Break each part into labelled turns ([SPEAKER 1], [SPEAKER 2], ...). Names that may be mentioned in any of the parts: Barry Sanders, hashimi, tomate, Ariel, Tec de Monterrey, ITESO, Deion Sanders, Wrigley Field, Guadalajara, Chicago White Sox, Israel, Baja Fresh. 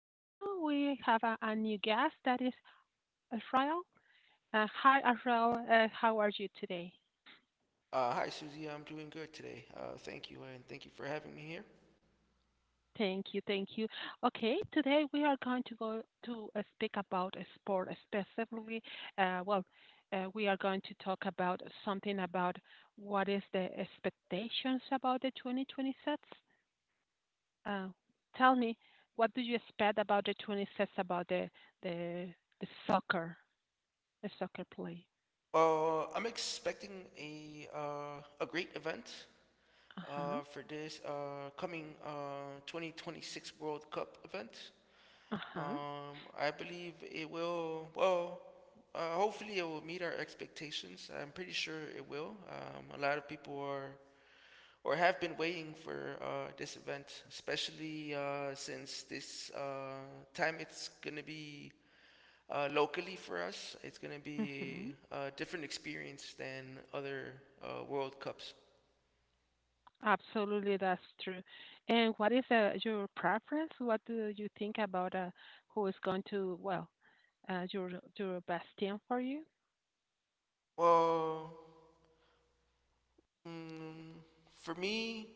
[SPEAKER 1] and now we have a new guest that is Israel. Hi, Israel. How are you today?
[SPEAKER 2] Hi, Susie. I'm doing good today. Thank you, and thank you for having me here.
[SPEAKER 1] Thank you, thank you. Okay, today we are going to go to speak about a sport, specifically. Well, we are going to talk about something about what is the expectations about the 2026. Uh, Tell me, what do you expect about the 26 about the the soccer? A soccer play.
[SPEAKER 2] I'm expecting a great event
[SPEAKER 1] Uh-huh.
[SPEAKER 2] for this coming 2026 World Cup event.
[SPEAKER 1] Uh-huh.
[SPEAKER 2] I believe it will. Well, hopefully, it will meet our expectations. I'm pretty sure it will. A lot of people are or have been waiting for this event, especially since this time it's gonna be. Locally for us, it's going to be
[SPEAKER 1] Mhm.
[SPEAKER 2] a different experience than other World Cups.
[SPEAKER 1] Absolutely, that's true. And what is your preference? What do you think about who is going to, well, your best team for you?
[SPEAKER 2] Well, mm, for me,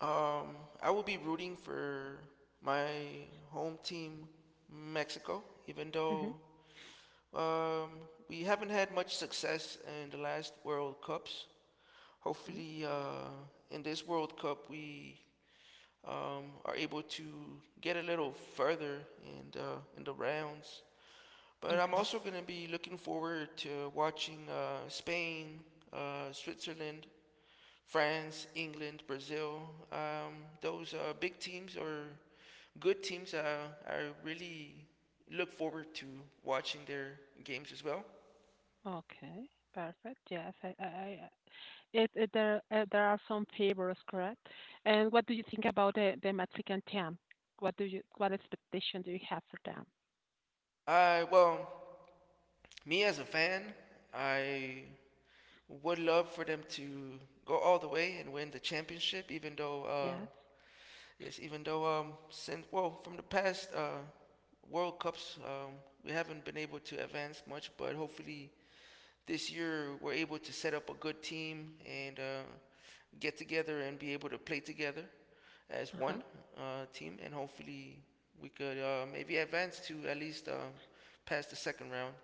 [SPEAKER 2] um, I will be rooting for my home team, Mexico, even
[SPEAKER 1] Mm-hmm.
[SPEAKER 2] though um, we haven't had much success in the last World Cups.
[SPEAKER 1] Mm-hmm.
[SPEAKER 2] Hopefully, in this World Cup, we are able to get a little further in the rounds. But I'm
[SPEAKER 1] Okay.
[SPEAKER 2] also going to be looking forward to watching Spain, Switzerland, France, England, Brazil. Um, those big teams or good teams. I really look forward to watching their games as well.
[SPEAKER 1] Okay. Perfect. Yes. I. I. I it, it. There. There are some favors, correct? And what do you think about the Mexican team? What expectation do you have for them?
[SPEAKER 2] I well, me as a fan, I would love for them to go all the way and win the championship, even though
[SPEAKER 1] Yes.
[SPEAKER 2] yes, even though since well from the past World Cups, we haven't been able to advance much, but hopefully this year we're able to set up a good team and get together and be able to play together as
[SPEAKER 1] Uh
[SPEAKER 2] one
[SPEAKER 1] huh.
[SPEAKER 2] team, and hopefully we could maybe advance to at least past the second round.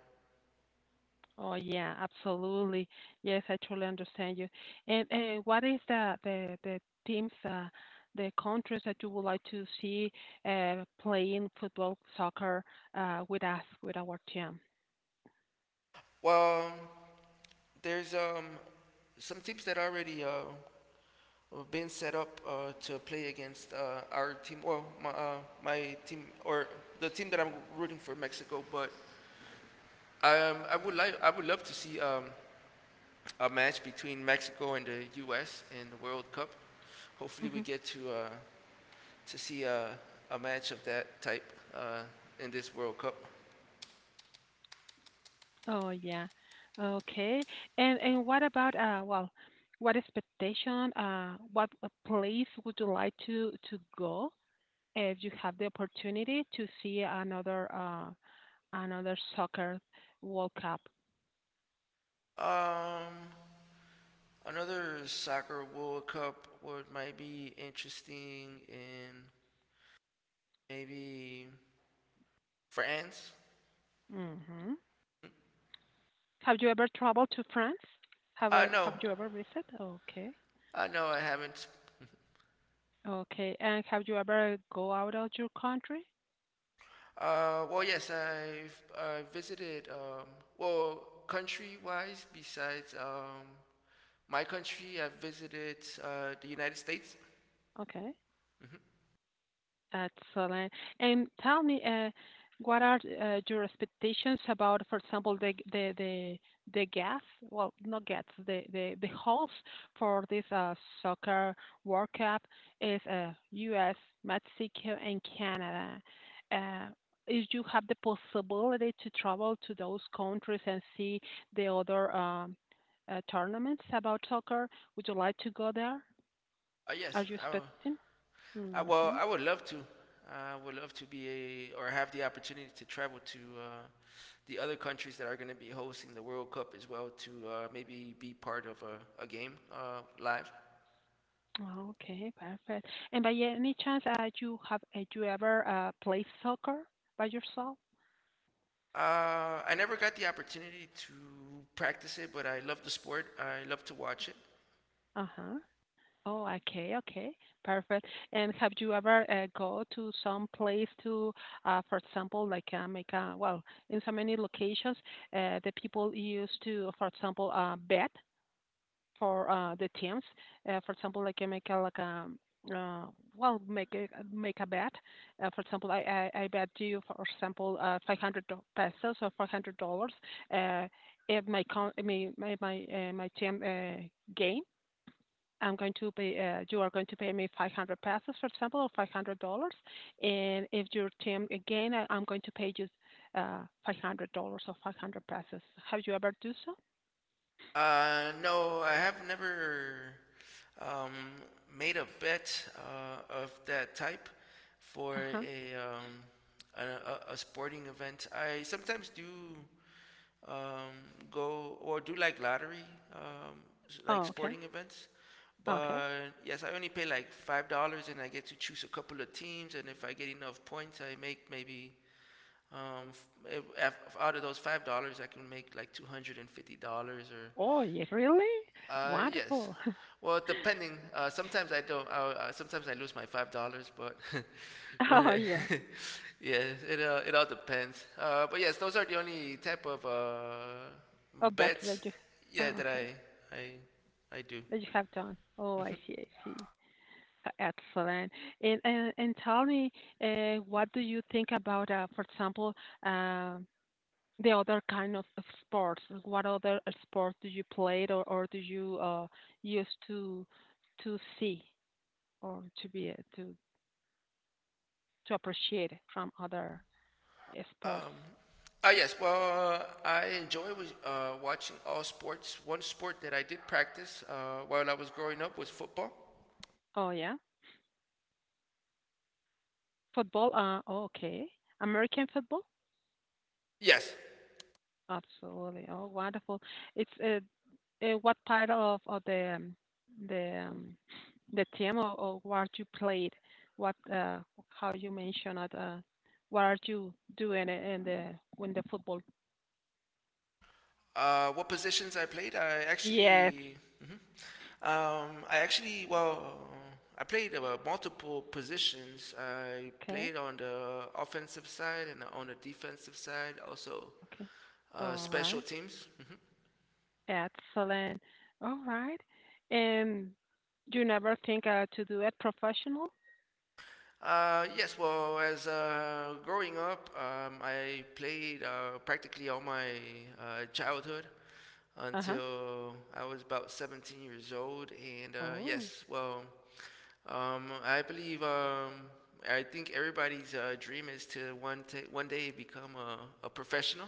[SPEAKER 1] Oh, yeah, absolutely. Yes, I truly understand you. And what is the teams, the countries that you would like to see playing football, soccer with us, with our team?
[SPEAKER 2] Well, there's some teams that already of being set up to play against our team, well, my team or the team that I'm rooting for, Mexico. But I would love to see a match between Mexico and the U.S. in the World Cup. Hopefully, we
[SPEAKER 1] Hmm.
[SPEAKER 2] get to see a match of that type uh, in this World Cup.
[SPEAKER 1] Oh, yeah. Okay. And what about well, what expectation? What place would you like to go if you have the opportunity to see another another soccer World Cup?
[SPEAKER 2] Um, Another soccer World Cup would might be interesting in maybe France.
[SPEAKER 1] Mm-hmm. Have you ever traveled to France?
[SPEAKER 2] No,
[SPEAKER 1] Have you ever visited? Okay.
[SPEAKER 2] No, I haven't.
[SPEAKER 1] Okay. And have you ever go out of your country?
[SPEAKER 2] Well, yes, I visited, well, country wise, besides my country, I've visited the United States.
[SPEAKER 1] Okay.
[SPEAKER 2] Hmm.
[SPEAKER 1] Excellent. And tell me, what are your expectations about, for example, the gas? Well, not gas, the host for this soccer World Cup is U.S., Mexico, and Canada. Uh, if you have the possibility to travel to those countries and see the other tournaments about soccer, would you like to go there? Are
[SPEAKER 2] Yes,
[SPEAKER 1] you expecting? Hmm.
[SPEAKER 2] well, I would love to. I would love to or have the opportunity to travel to the other countries that are going to be hosting the World Cup as well to maybe be part of a game live.
[SPEAKER 1] Oh, okay, perfect. And by any chance, you ever played soccer by yourself?
[SPEAKER 2] I never got the opportunity to practice it, but I love the sport. I love to watch it.
[SPEAKER 1] Uh-huh. Oh, okay, okay, perfect. And have you ever go to some place to, for example, like make a, well, in so many locations, the people used to, for example, bet for the teams. For example, like I can make a, like a uh, well, make a bet. For example, I bet you, for example, 500 pesos or $500. Uh, if my con- my, my team gain. I'm going to pay. You are going to pay me 500 pesos, for example, or $500. And if your team again, I'm going to pay you $500 or 500 pesos. Have you ever do so?
[SPEAKER 2] No, I have never um, made a bet of that type for
[SPEAKER 1] Uh huh.
[SPEAKER 2] a sporting event. I sometimes do um, go or do like lottery, um, like
[SPEAKER 1] Oh, okay.
[SPEAKER 2] sporting events.
[SPEAKER 1] Okay.
[SPEAKER 2] But yes, I only pay like $5, and I get to choose a couple of teams. And if I get enough points, I make maybe. Um, if, if out of those $5, I can make like $250, or
[SPEAKER 1] Oh, yeah, really?
[SPEAKER 2] yes.
[SPEAKER 1] Wonderful.
[SPEAKER 2] Well, depending. Sometimes I don't. Sometimes I lose my $5, but when
[SPEAKER 1] Oh,
[SPEAKER 2] I,
[SPEAKER 1] yeah.
[SPEAKER 2] yeah, it all depends. But yes, those are the only type of
[SPEAKER 1] Oh, but
[SPEAKER 2] bets, yeah,
[SPEAKER 1] oh,
[SPEAKER 2] that
[SPEAKER 1] okay,
[SPEAKER 2] I do.
[SPEAKER 1] that you have done. Oh, I
[SPEAKER 2] Hmm.
[SPEAKER 1] see, I see. Excellent. And tell me, what do you think about, for example, uh, the other kind of sports? What other sport do you play or do you use to see or to be to appreciate from other sports?
[SPEAKER 2] Um, yes, well, I enjoy watching all sports. One sport that I did practice while I was growing up was football.
[SPEAKER 1] Oh, yeah. Football. Oh, okay. American football?
[SPEAKER 2] Yes.
[SPEAKER 1] Absolutely. Oh, wonderful. It's What part of the um, the team, or what you played? What How you mentioned it? What are you doing in the when the football?
[SPEAKER 2] What positions I played?
[SPEAKER 1] Yes.
[SPEAKER 2] Mhm. I actually, well, I played multiple positions. I
[SPEAKER 1] Okay.
[SPEAKER 2] played on the offensive side and on the defensive side, also
[SPEAKER 1] Okay. All
[SPEAKER 2] special
[SPEAKER 1] right.
[SPEAKER 2] teams. Mhm.
[SPEAKER 1] Excellent. All right. And you never think to do it professional?
[SPEAKER 2] Yes, well, as growing up, I played practically all my childhood
[SPEAKER 1] Uh huh.
[SPEAKER 2] until I was about 17 years old. And
[SPEAKER 1] Oh.
[SPEAKER 2] yes, well, um, I believe, um, I think everybody's dream is to one day become a professional.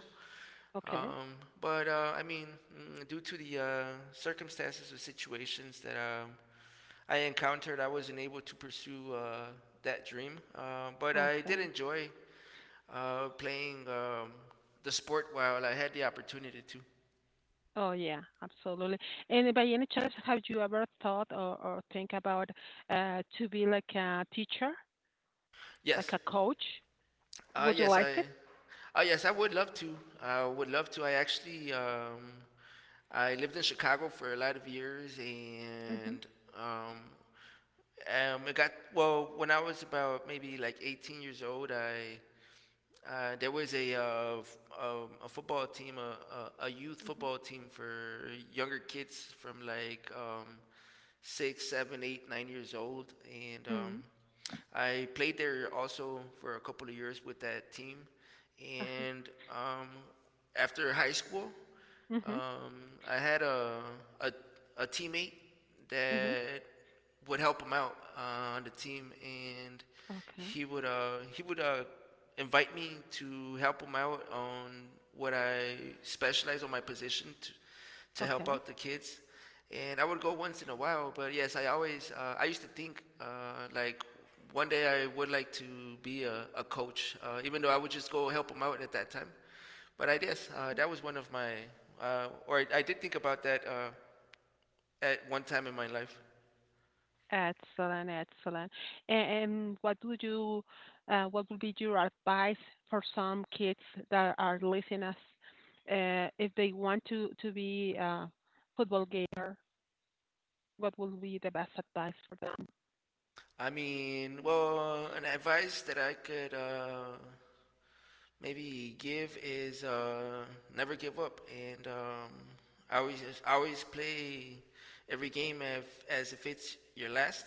[SPEAKER 1] Okay.
[SPEAKER 2] Um, but I mean, due to the circumstances or situations that I encountered, I wasn't able to pursue that dream. But I did
[SPEAKER 1] Okay.
[SPEAKER 2] enjoy playing the sport while I had the opportunity to.
[SPEAKER 1] Oh yeah, absolutely. And by any chance, have you ever thought or think about to be like a teacher, like
[SPEAKER 2] Yes,
[SPEAKER 1] a coach? Would you
[SPEAKER 2] yes,
[SPEAKER 1] like it?
[SPEAKER 2] yes, I would love to. I would love to. I lived in Chicago for a lot of years,
[SPEAKER 1] Mm-hmm.
[SPEAKER 2] and um, it got well when I was about maybe like 18 years old. I There was a football team, a youth
[SPEAKER 1] Mm-hmm.
[SPEAKER 2] football team for younger kids from like 6, 7, 8, 9 years old, and
[SPEAKER 1] Mm-hmm.
[SPEAKER 2] I played there also for a couple of years with that team.
[SPEAKER 1] Uh-huh.
[SPEAKER 2] And after high school,
[SPEAKER 1] Mm-hmm.
[SPEAKER 2] um, I had a a teammate
[SPEAKER 1] Mm-hmm.
[SPEAKER 2] that would help him out on the team, and
[SPEAKER 1] Okay.
[SPEAKER 2] he would invite me to help him out on what I specialize on my position to help
[SPEAKER 1] Okay.
[SPEAKER 2] out the kids. And I would go once in a while, but yes, I used to think like one day I would like to be a coach, even though I would just go help him out at that time. But I guess
[SPEAKER 1] Okay.
[SPEAKER 2] that was one of my, or I did think about that at one time in my life.
[SPEAKER 1] Excellent. Excellent. And what would be your advice for some kids that are listening us, if they want to be a football gamer? What would be the best advice for them?
[SPEAKER 2] I mean, well, an advice that I could maybe give is never give up, and I always play every game as if it's your last.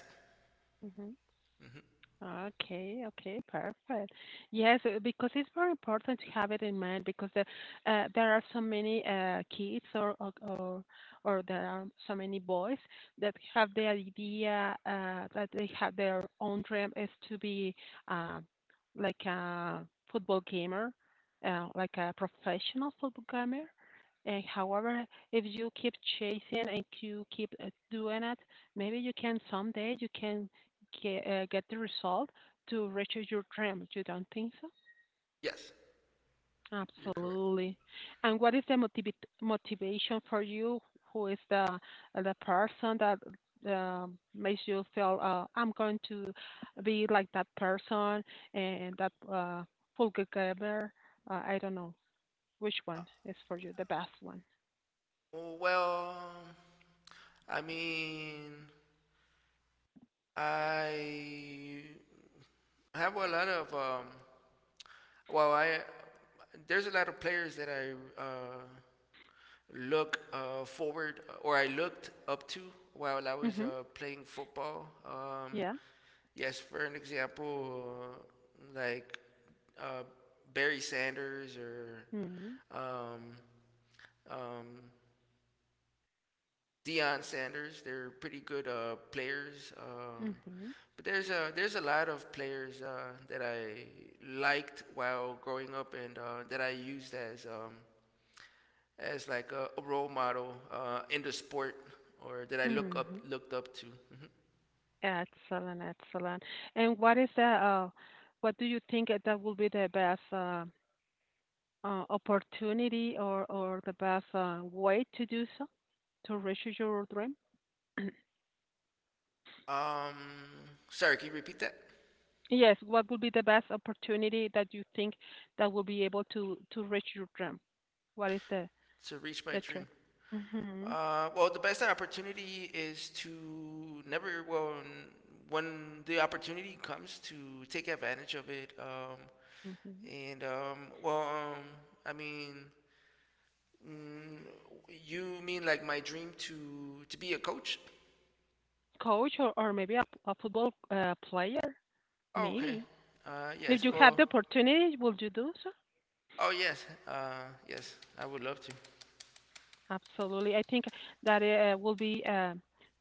[SPEAKER 1] Mhm.
[SPEAKER 2] Hmm.
[SPEAKER 1] Okay, okay, perfect. Yes, because it's very important to have it in mind because there are so many kids or there are so many boys that have the idea that they have their own dream is to be uh, like a football gamer, like a professional football gamer. And however, if you keep chasing and you keep doing it, maybe you can someday you can get the result to reach your dream. You don't think so?
[SPEAKER 2] Yes, you're correct.
[SPEAKER 1] Absolutely. And what is the motivation for you? Who is the person that makes you feel I'm going to be like that person and that Fulgageber? I don't know which
[SPEAKER 2] Uh,
[SPEAKER 1] one is for you the best one.
[SPEAKER 2] well, I mean, I have a lot of Well, I there's a lot of players that uh, I looked up to while I was
[SPEAKER 1] Mhm.
[SPEAKER 2] playing football.
[SPEAKER 1] Yeah.
[SPEAKER 2] Yes, for an example, uh, like uh, Barry Sanders or
[SPEAKER 1] Mhm.
[SPEAKER 2] um, um, Deion Sanders, they're pretty good players.
[SPEAKER 1] Mhm.
[SPEAKER 2] But there's a lot of players that I liked while growing up and that I used as like a role model in the sport or that I look up
[SPEAKER 1] Mhm.
[SPEAKER 2] looked up to. Hmm.
[SPEAKER 1] Excellent, excellent. And what is that? What do you think that that will be the best opportunity or the best way to do so to reach your dream?
[SPEAKER 2] Um, Sorry, can you repeat that?
[SPEAKER 1] Yes, what would be the best opportunity that you think that will be able to reach your dream? What is the
[SPEAKER 2] To reach my
[SPEAKER 1] the
[SPEAKER 2] dream.
[SPEAKER 1] trick? Hmm.
[SPEAKER 2] Well, the best opportunity is to never. Well, when the opportunity comes, to take advantage of it.
[SPEAKER 1] Hmm.
[SPEAKER 2] And well, I mean, mm, you mean like my dream to be a coach?
[SPEAKER 1] Coach or maybe a football player,
[SPEAKER 2] Oh, okay.
[SPEAKER 1] maybe. If
[SPEAKER 2] Yes.
[SPEAKER 1] you have
[SPEAKER 2] Well,
[SPEAKER 1] the opportunity, will you do so?
[SPEAKER 2] oh yes, yes, I would love to.
[SPEAKER 1] Absolutely. I think that will be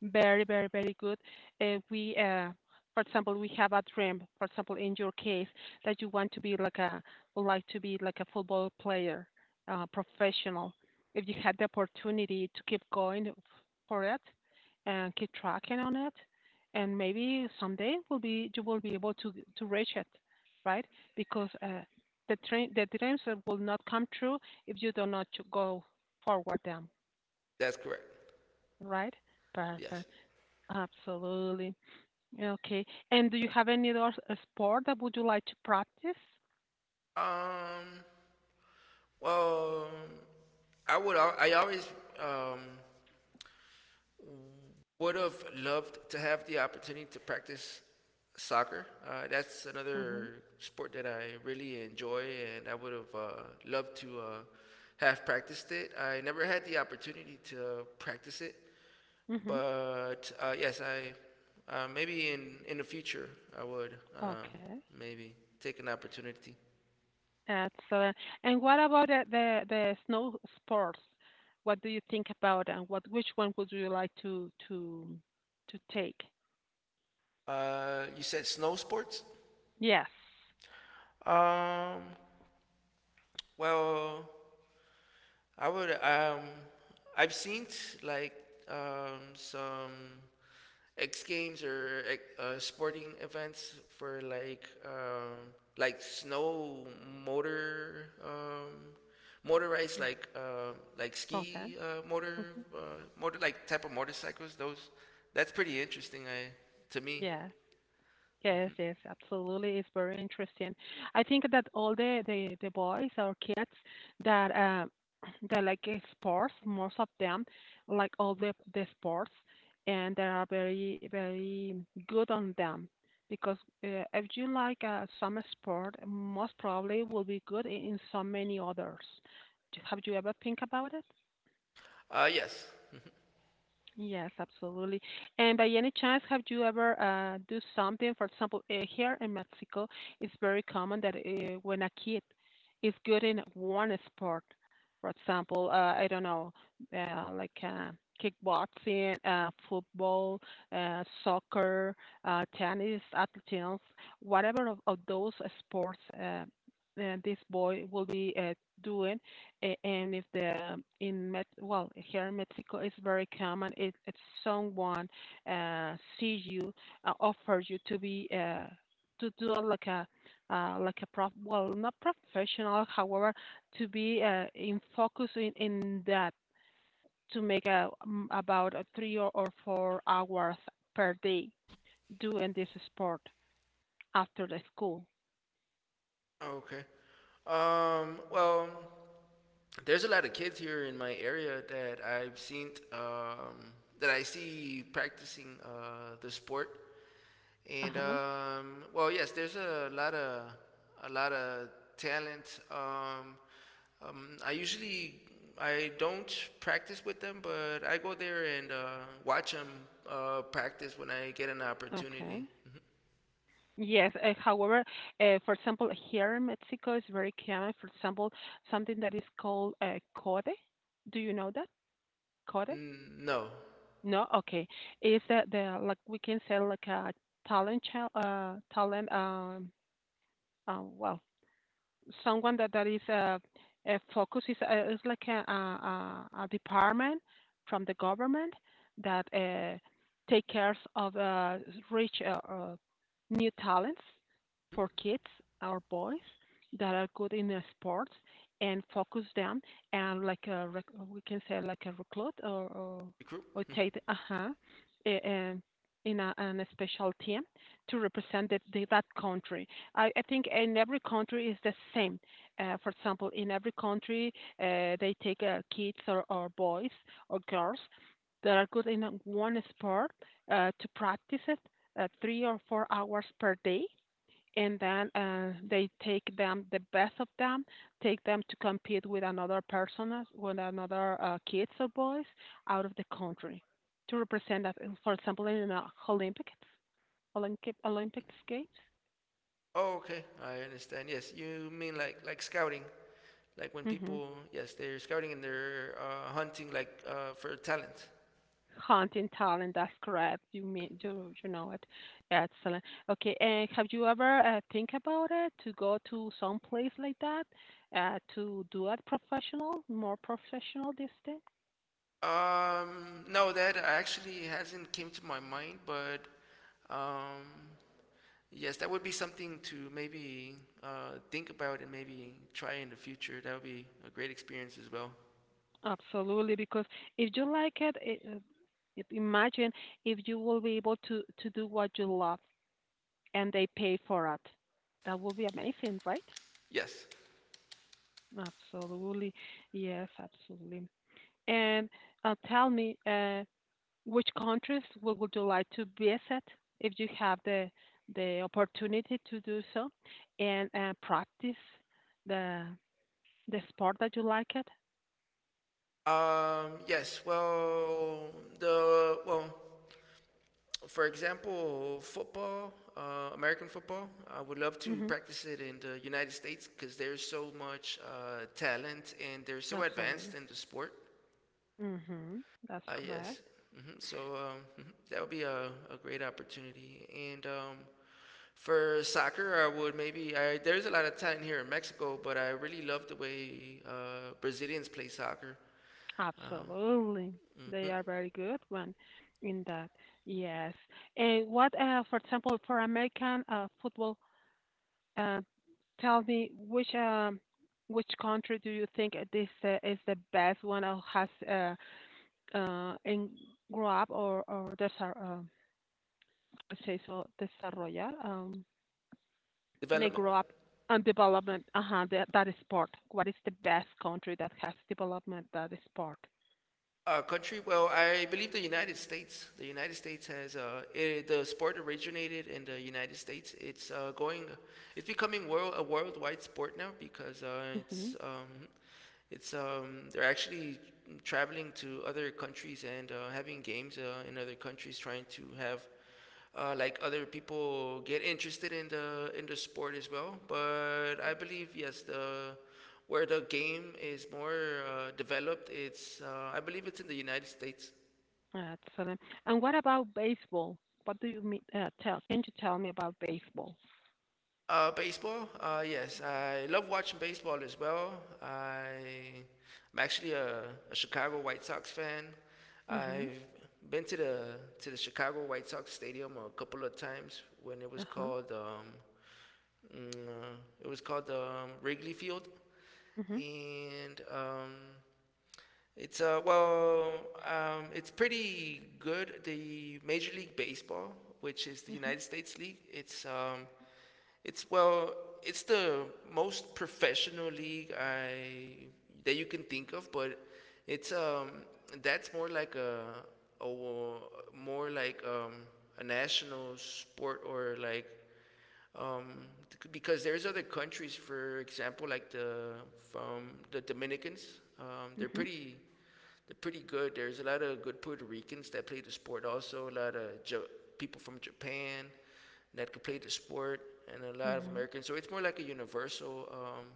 [SPEAKER 1] very, very, very good if we, for example, we have a dream, for example, in your case, that you want to be would like to be like a football player, professional. If you had the opportunity to keep going for it and keep tracking on it, and maybe someday will be you will be able to reach it, right? Because the dreams will not come true if you do not to go forward them,
[SPEAKER 2] That's correct.
[SPEAKER 1] right?
[SPEAKER 2] Yes.
[SPEAKER 1] Perfect. Absolutely. Okay. And do you have any other sport that would you like to practice?
[SPEAKER 2] Um. Well, I always um would have loved to have the opportunity to practice soccer. That's
[SPEAKER 1] Mm-hmm.
[SPEAKER 2] another sport that I really enjoy, and I would have loved to have practiced it. I never had the opportunity to practice it.
[SPEAKER 1] Mm-hmm.
[SPEAKER 2] But yes, I maybe in the future I would
[SPEAKER 1] Okay.
[SPEAKER 2] maybe take an opportunity.
[SPEAKER 1] Excellent. And what about the snow sports? What do you think about and what which one would you like to take?
[SPEAKER 2] You said snow sports.
[SPEAKER 1] Yes.
[SPEAKER 2] Um, well, I would. I've seen like some X Games or sporting events for like snow motor motorized
[SPEAKER 1] Mm.
[SPEAKER 2] like
[SPEAKER 1] Okay.
[SPEAKER 2] ski motor
[SPEAKER 1] Mm-hmm.
[SPEAKER 2] uh, motor like type of motorcycles. Those That's pretty interesting. I To me,
[SPEAKER 1] Yeah. Yes, yes, absolutely. It's very interesting. I think that all the boys or kids that that like sports, most of them like all the sports, and they are very very good on them because if you like some sport, most probably will be good in so many others. Have you ever think about it?
[SPEAKER 2] yes.
[SPEAKER 1] Yes, absolutely. And by any chance, have you ever do something? For example, here in Mexico, it's very common that when a kid is good in one sport, for example, I don't know, like kickboxing, football, soccer, tennis, athletics, whatever of those sports this boy will be doing and if the in Met well here in Mexico it's very common if someone sees you offers you to be to do like a prof well not professional however to be in focus in that to make a, about a three or 4 hours per day doing this sport after the school.
[SPEAKER 2] Okay. Well, there's a lot of kids here in my area that I see practicing the sport.
[SPEAKER 1] Uh
[SPEAKER 2] And
[SPEAKER 1] huh.
[SPEAKER 2] well, yes, there's a lot of talent. Um, I usually I don't practice with them, but I go there and watch them practice when I get an opportunity.
[SPEAKER 1] Okay. Yes. However, for example, here in Mexico is very common. For example, something that is called code. Do you know that code?
[SPEAKER 2] Mm, no,
[SPEAKER 1] No. Okay. It's the like we can say like a talent talent well someone that is focuses is like a department from the government that take cares of rich new talents for kids or boys that are good in sports and focus them and like a we can say like a recruit or or,
[SPEAKER 2] recruit.
[SPEAKER 1] or take in a, an a special team to represent that country. I think in every country is the same. For example, in every country, they take kids or boys or girls that are good in one sport to practice it 3 or 4 hours per day. And then they take them, the best of them, take them to compete with another person, with another kids or boys out of the country to represent that, for example, in the Olympic, Olympic Games.
[SPEAKER 2] Oh, okay, I understand. Yes, you mean like scouting, like when
[SPEAKER 1] Hmm.
[SPEAKER 2] people yes they're scouting and they're hunting like for talent. Mm.
[SPEAKER 1] Hunting talent, that's correct. You mean you know it. Excellent. Okay, and have you ever think about it to go to some place like that to do it professional, more professional this thing?
[SPEAKER 2] No, that actually hasn't came to my mind, but um, yes, that would be something to maybe think about and maybe try in the future. That would be a great experience as well.
[SPEAKER 1] Absolutely, because if you like it, imagine if you will be able to do what you love and they pay for it. That would be amazing, right?
[SPEAKER 2] Yes.
[SPEAKER 1] Absolutely. Yes, absolutely. And tell me, which countries would you like to visit if you have the opportunity to do so and practice the the sport that you like it.
[SPEAKER 2] Yes. Well, for example, football, American football. I would love to
[SPEAKER 1] Hmm.
[SPEAKER 2] practice it in the United States because there's so much talent and they're so advanced
[SPEAKER 1] Absolutely.
[SPEAKER 2] in the sport.
[SPEAKER 1] Hmm. That's
[SPEAKER 2] Yes.
[SPEAKER 1] correct.
[SPEAKER 2] Hmm. So that would be a great opportunity. And for soccer, I would maybe I, there's a lot of talent here in Mexico, but I really love the way Brazilians play soccer. Uh,
[SPEAKER 1] Absolutely, they are
[SPEAKER 2] mhm.
[SPEAKER 1] very good one in that. Yes. And what for example for american football, uh, tell me which which country do you think this is the best one or has uh, en- grow up or, say so, desarrollar, may
[SPEAKER 2] Development.
[SPEAKER 1] grow up and development, uh-huh, that is part. What is the best country that has development that is part?
[SPEAKER 2] A country? Well, I believe the United States. The United States the sport originated in the United States. It's becoming world a worldwide sport now because
[SPEAKER 1] Hmm.
[SPEAKER 2] it's they're actually traveling to other countries and having games in other countries, trying to have like other people get interested in the sport as well. But I believe yes, the where the game is more developed, it's I believe it's in the United States.
[SPEAKER 1] Excellent. And what about baseball? What do you mean, tell, can you tell me about baseball?
[SPEAKER 2] Baseball, yes, I love watching baseball as well. I I'm actually a Chicago White Sox fan.
[SPEAKER 1] Mm-hmm.
[SPEAKER 2] I've been to the Chicago White Sox stadium a couple of times when it was
[SPEAKER 1] Uh-huh.
[SPEAKER 2] called. Mm, uh, it was called the Wrigley Field,
[SPEAKER 1] Mm-hmm.
[SPEAKER 2] and it's well, it's pretty good. The Major League Baseball, which is the
[SPEAKER 1] Mm-hmm.
[SPEAKER 2] United States League, it's well, it's the most professional league I that you can think of, but it's that's more like a more like a national sport or like um, because there's other countries, for example, like the from the Dominicans, um, they're
[SPEAKER 1] Mm-hmm.
[SPEAKER 2] pretty they're pretty good. There's a lot of good Puerto Ricans that play the sport, also a lot of people from Japan that could play the sport, and a lot of
[SPEAKER 1] Mm-hmm.
[SPEAKER 2] Americans. So it's more like a universal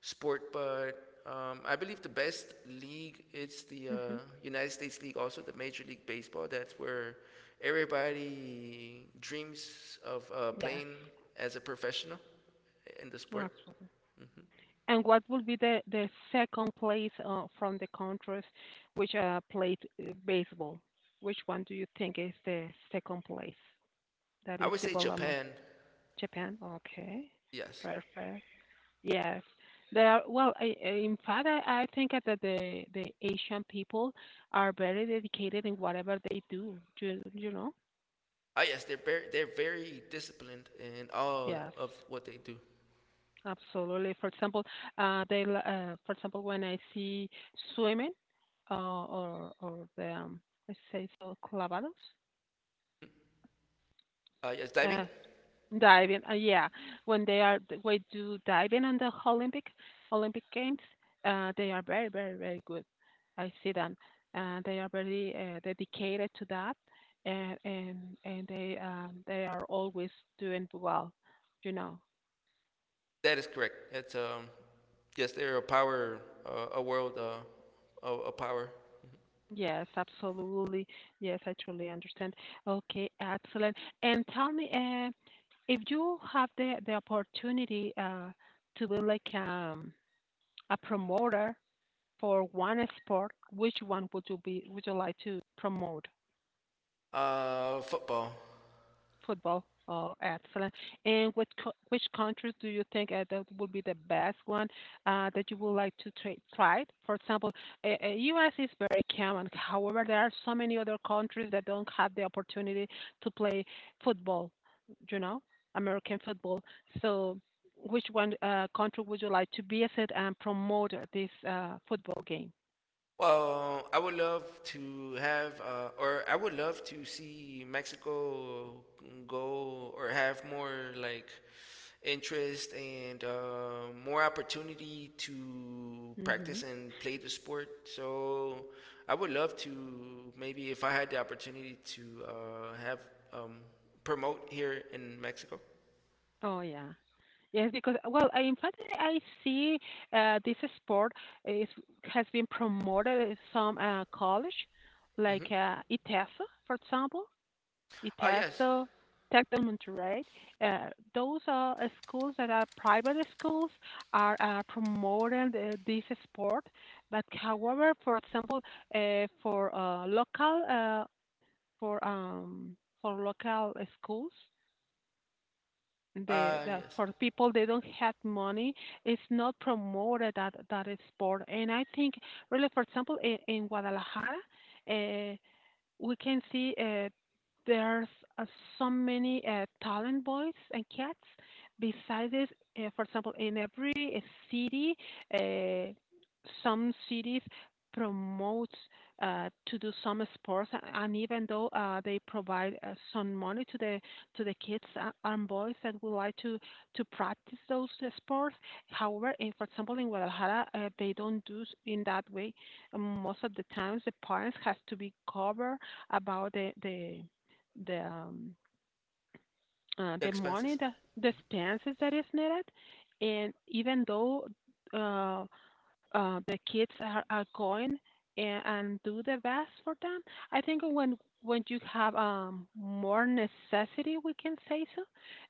[SPEAKER 2] sport, but I believe the best league is the
[SPEAKER 1] Mm-hmm.
[SPEAKER 2] United States League, also the Major League Baseball. That's where everybody dreams of
[SPEAKER 1] Yes.
[SPEAKER 2] playing as a professional in the sport.
[SPEAKER 1] Absolutely.
[SPEAKER 2] Hmm
[SPEAKER 1] And what will be the second place from the countries which played baseball? Which one do you think is the second place? That
[SPEAKER 2] I
[SPEAKER 1] is
[SPEAKER 2] would say
[SPEAKER 1] development.
[SPEAKER 2] Japan.
[SPEAKER 1] Japan. Okay,
[SPEAKER 2] Yes.
[SPEAKER 1] perfect. Yes, they are. Well, in fact, I think that the Asian people are very dedicated in whatever they do. You know.
[SPEAKER 2] Ah, yes, they're very disciplined in all
[SPEAKER 1] Yes.
[SPEAKER 2] of what they do.
[SPEAKER 1] Absolutely. For example, for example, when I see swimming, or the I say so clavados,
[SPEAKER 2] Yes, diving.
[SPEAKER 1] uh, diving. Yeah, when we do diving on the Olympic Games, they are very good. I see them. They are very dedicated to that, and and and they are always doing well. You know.
[SPEAKER 2] That is correct. That's yes, they're a power, a world, a power.
[SPEAKER 1] Yes, absolutely. Yes, I truly understand. Okay, excellent. And tell me, if you have the opportunity to be like a promoter for one sport, which one would you like to promote?
[SPEAKER 2] Football.
[SPEAKER 1] Football. Oh, excellent. And which countries do you think that will be the best one that you would like to try? For example, U.S. is very common. However, there are so many other countries that don't have the opportunity to play football, you know, American football. So, which one country would you like to visit and promote this football game?
[SPEAKER 2] Well, I would love to have, or I would love to see Mexico go or have more like interest and more opportunity to practice
[SPEAKER 1] Hmm.
[SPEAKER 2] and play the sport. So I would love to maybe if I had the opportunity to have um, promote here in Mexico.
[SPEAKER 1] Oh, yeah. Yes, because well, in fact, I see this sport is has been promoted in some college, like
[SPEAKER 2] Mm-hmm.
[SPEAKER 1] ITESO, for example,
[SPEAKER 2] Yes.
[SPEAKER 1] ITESO, Tec de Monterrey. Those are schools that are private schools are promoting this sport. But however, for example, uh, for uh, local uh, for um, for local schools, the that
[SPEAKER 2] Yes.
[SPEAKER 1] for people they don't have money, it's not promoted that that is sport. And I think really for example in guadalajara, uh, we can see there's uh, so many talent boys and cats. Besides this, for example, in every city, uh, some cities promotes to do some sports, and even though they provide some money to the kids and boys that would like to practice those sports. However, for example, in Guadalajara, they don't do in that way. Most of the times, the parents has to be covered about the um,
[SPEAKER 2] The
[SPEAKER 1] the money
[SPEAKER 2] expenses.
[SPEAKER 1] that the expenses that is needed, and even though uh, the kids are going and do the best for them. I think when you have more necessity, we can say so.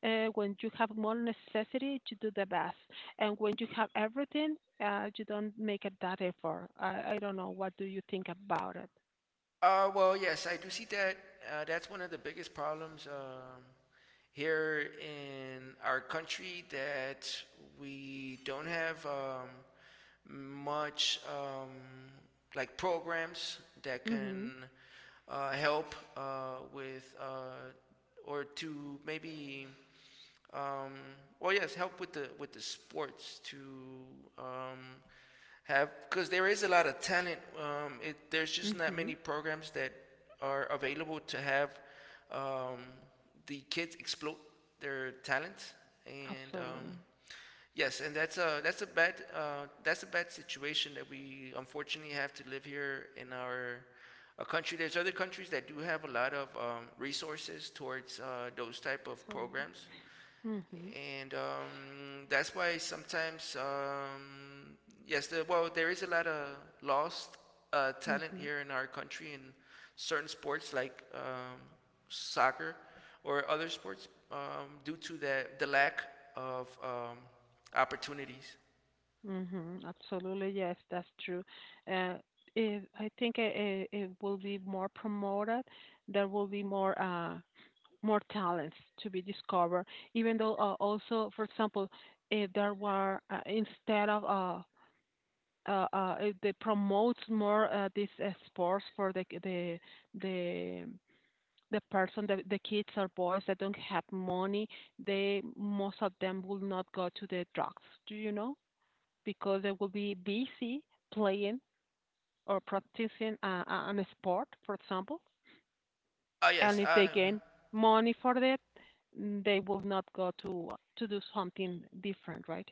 [SPEAKER 1] When you have more necessity, you do the best, and when you have everything, you don't make it that effort. I don't know. What do you think about it?
[SPEAKER 2] Well, yes, I do see that. That's one of the biggest problems here in our country that we don't have much like programs that
[SPEAKER 1] Mhm.
[SPEAKER 2] can help with or to maybe um, well, yes, help with the sports to um, have because there is a lot of talent. There's just not
[SPEAKER 1] Mhm.
[SPEAKER 2] many programs that are available to have um, the kids exploit their talent and.
[SPEAKER 1] Absolutely.
[SPEAKER 2] Yes, and that's a bad situation that we unfortunately have to live here in our a country. There's other countries that do have a lot of resources towards those type of
[SPEAKER 1] Absolutely.
[SPEAKER 2] programs,
[SPEAKER 1] Mhm.
[SPEAKER 2] and that's why sometimes yes well there is a lot of lost talent
[SPEAKER 1] Mhm.
[SPEAKER 2] here in our country in certain sports like soccer or other sports due to the lack of opportunities.
[SPEAKER 1] Mhm. Absolutely. Yes, that's true. Uh, if, I think it will be more promoted. There will be more more talents to be discovered. Even though also, for example, if there were instead of if they promote more this sports for the the kids or boys that don't have money, they most of them will not go to the drugs, do you know, because they will be busy playing or practicing an sport for example.
[SPEAKER 2] Ah
[SPEAKER 1] And
[SPEAKER 2] yes
[SPEAKER 1] if they
[SPEAKER 2] mhm.
[SPEAKER 1] gain money for that, mm, they will not go to do something different, right?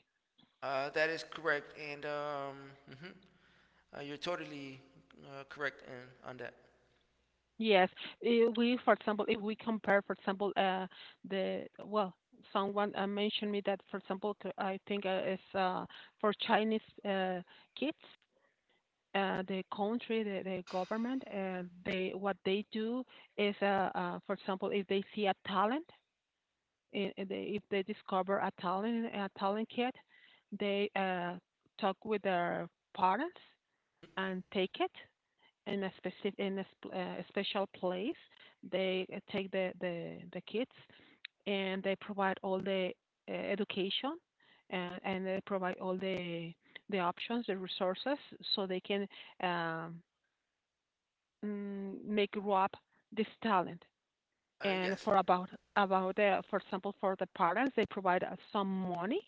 [SPEAKER 2] That is correct and mhm. You're totally correct on that.
[SPEAKER 1] Yes, we, for example, if we compare, for example, the well, someone mentioned me that, for example, I think it's for Chinese uh, kids, the government, they what they do is, for example, if they see a talent, if they discover a talent kid, they talk with their parents and take it in a a special place. They take the kids and they provide all the education and they provide all the options, the resources, so they can um, make grow up this talent. And
[SPEAKER 2] Yes.
[SPEAKER 1] for about for example, for the parents, they provide some money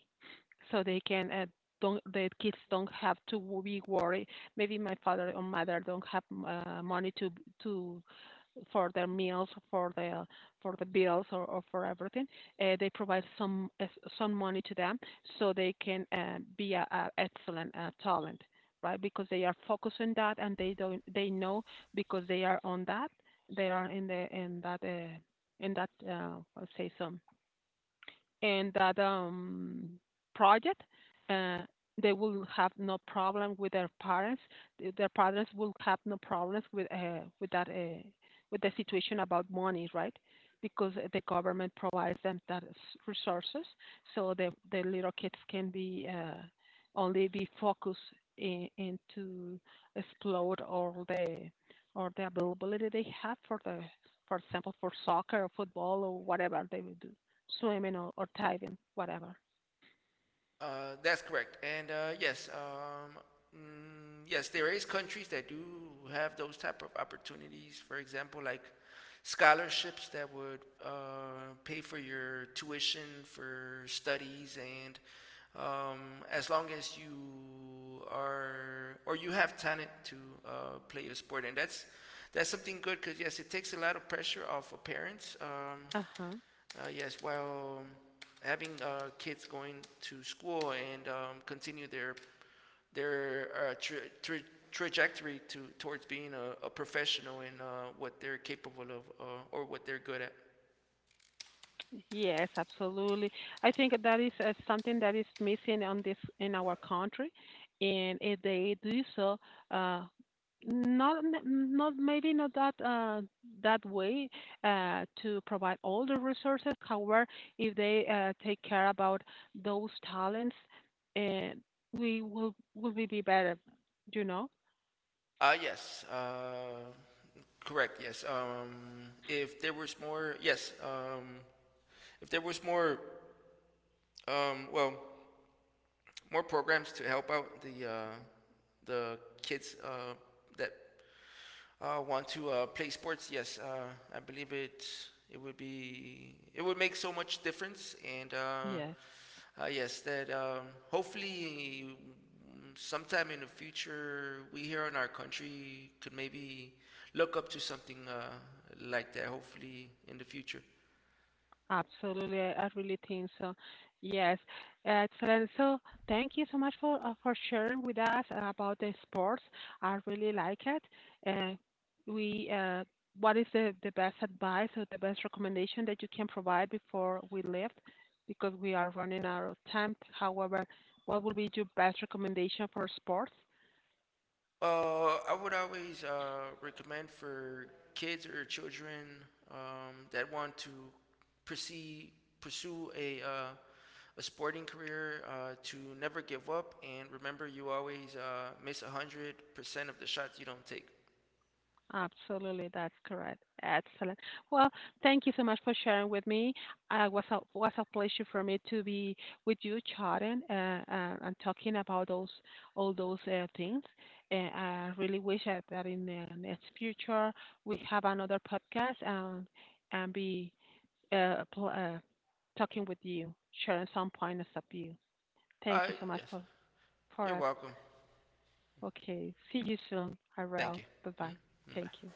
[SPEAKER 1] so they can don't the kids don't have to be worried. Maybe my father or mother don't have money to for their meals, for the bills, or for everything. They provide some money to them so they can a excellent talent, right? Because they are focused on that and they don't they know because they are on that they are in the in that in that uh, I'll say so in that project, uh, they will have no problem with their parents. Their parents will have no problems with that with the situation about money, right? Because the government provides them that resources, so the little kids can be only be focused into explore all the or the availability they have for the for example for soccer or football or whatever they will do, swimming or diving, whatever.
[SPEAKER 2] That's correct. And yes, mm, yes, there is countries that do have those type of opportunities. For example, like scholarships that would pay for your tuition for studies, and um, as long as you are or you have talent to uh, play a sport, and that's something good because yes, it takes a lot of pressure off of parents.
[SPEAKER 1] Uh huh.
[SPEAKER 2] Yes, while having kids going to school and continue their trajectory to towards being a professional in what they're capable of or what they're good at.
[SPEAKER 1] Yes, absolutely. I think that is something that is missing on this in our country, and if they do so, uh, not maybe not that that way to provide all the resources. However, if they take care about those talents, uh, we will be better. You know?
[SPEAKER 2] Yes, correct. Yes. If there was more, yes. If there was more, well, more programs to help out the kids that want to play sports, yes, I believe it would be it would make so much difference, and
[SPEAKER 1] Yes.
[SPEAKER 2] yes, that hopefully sometime in the future we here in our country could maybe look up to something like that. Hopefully in the future.
[SPEAKER 1] Absolutely, I really think so. Yes, excellent. So, thank you so much for sharing with us about the sports. I really like it. Uh, we, uh, what is the best advice or the best recommendation that you can provide before we leave? Because we are running out of time. However, what would be your best recommendation for sports?
[SPEAKER 2] I would always recommend for kids or children that want to proceed, pursue a sporting career to never give up and remember you always miss 100% of the shots you don't take.
[SPEAKER 1] Absolutely, that's correct. Excellent. Well, thank you so much for sharing with me. It was a pleasure for me to be with you chatting and talking about those all those things. And I really wish that in the next future we have another podcast and be uh, pl- uh, talking with you, sharing some points of view. Thank
[SPEAKER 2] Uh,
[SPEAKER 1] you so much
[SPEAKER 2] yes,
[SPEAKER 1] for
[SPEAKER 2] you're
[SPEAKER 1] it.
[SPEAKER 2] welcome.
[SPEAKER 1] Okay, see you soon,
[SPEAKER 2] Thank you.
[SPEAKER 1] Ariel. Bye bye.
[SPEAKER 2] Hmm
[SPEAKER 1] Thank you.
[SPEAKER 2] Bye.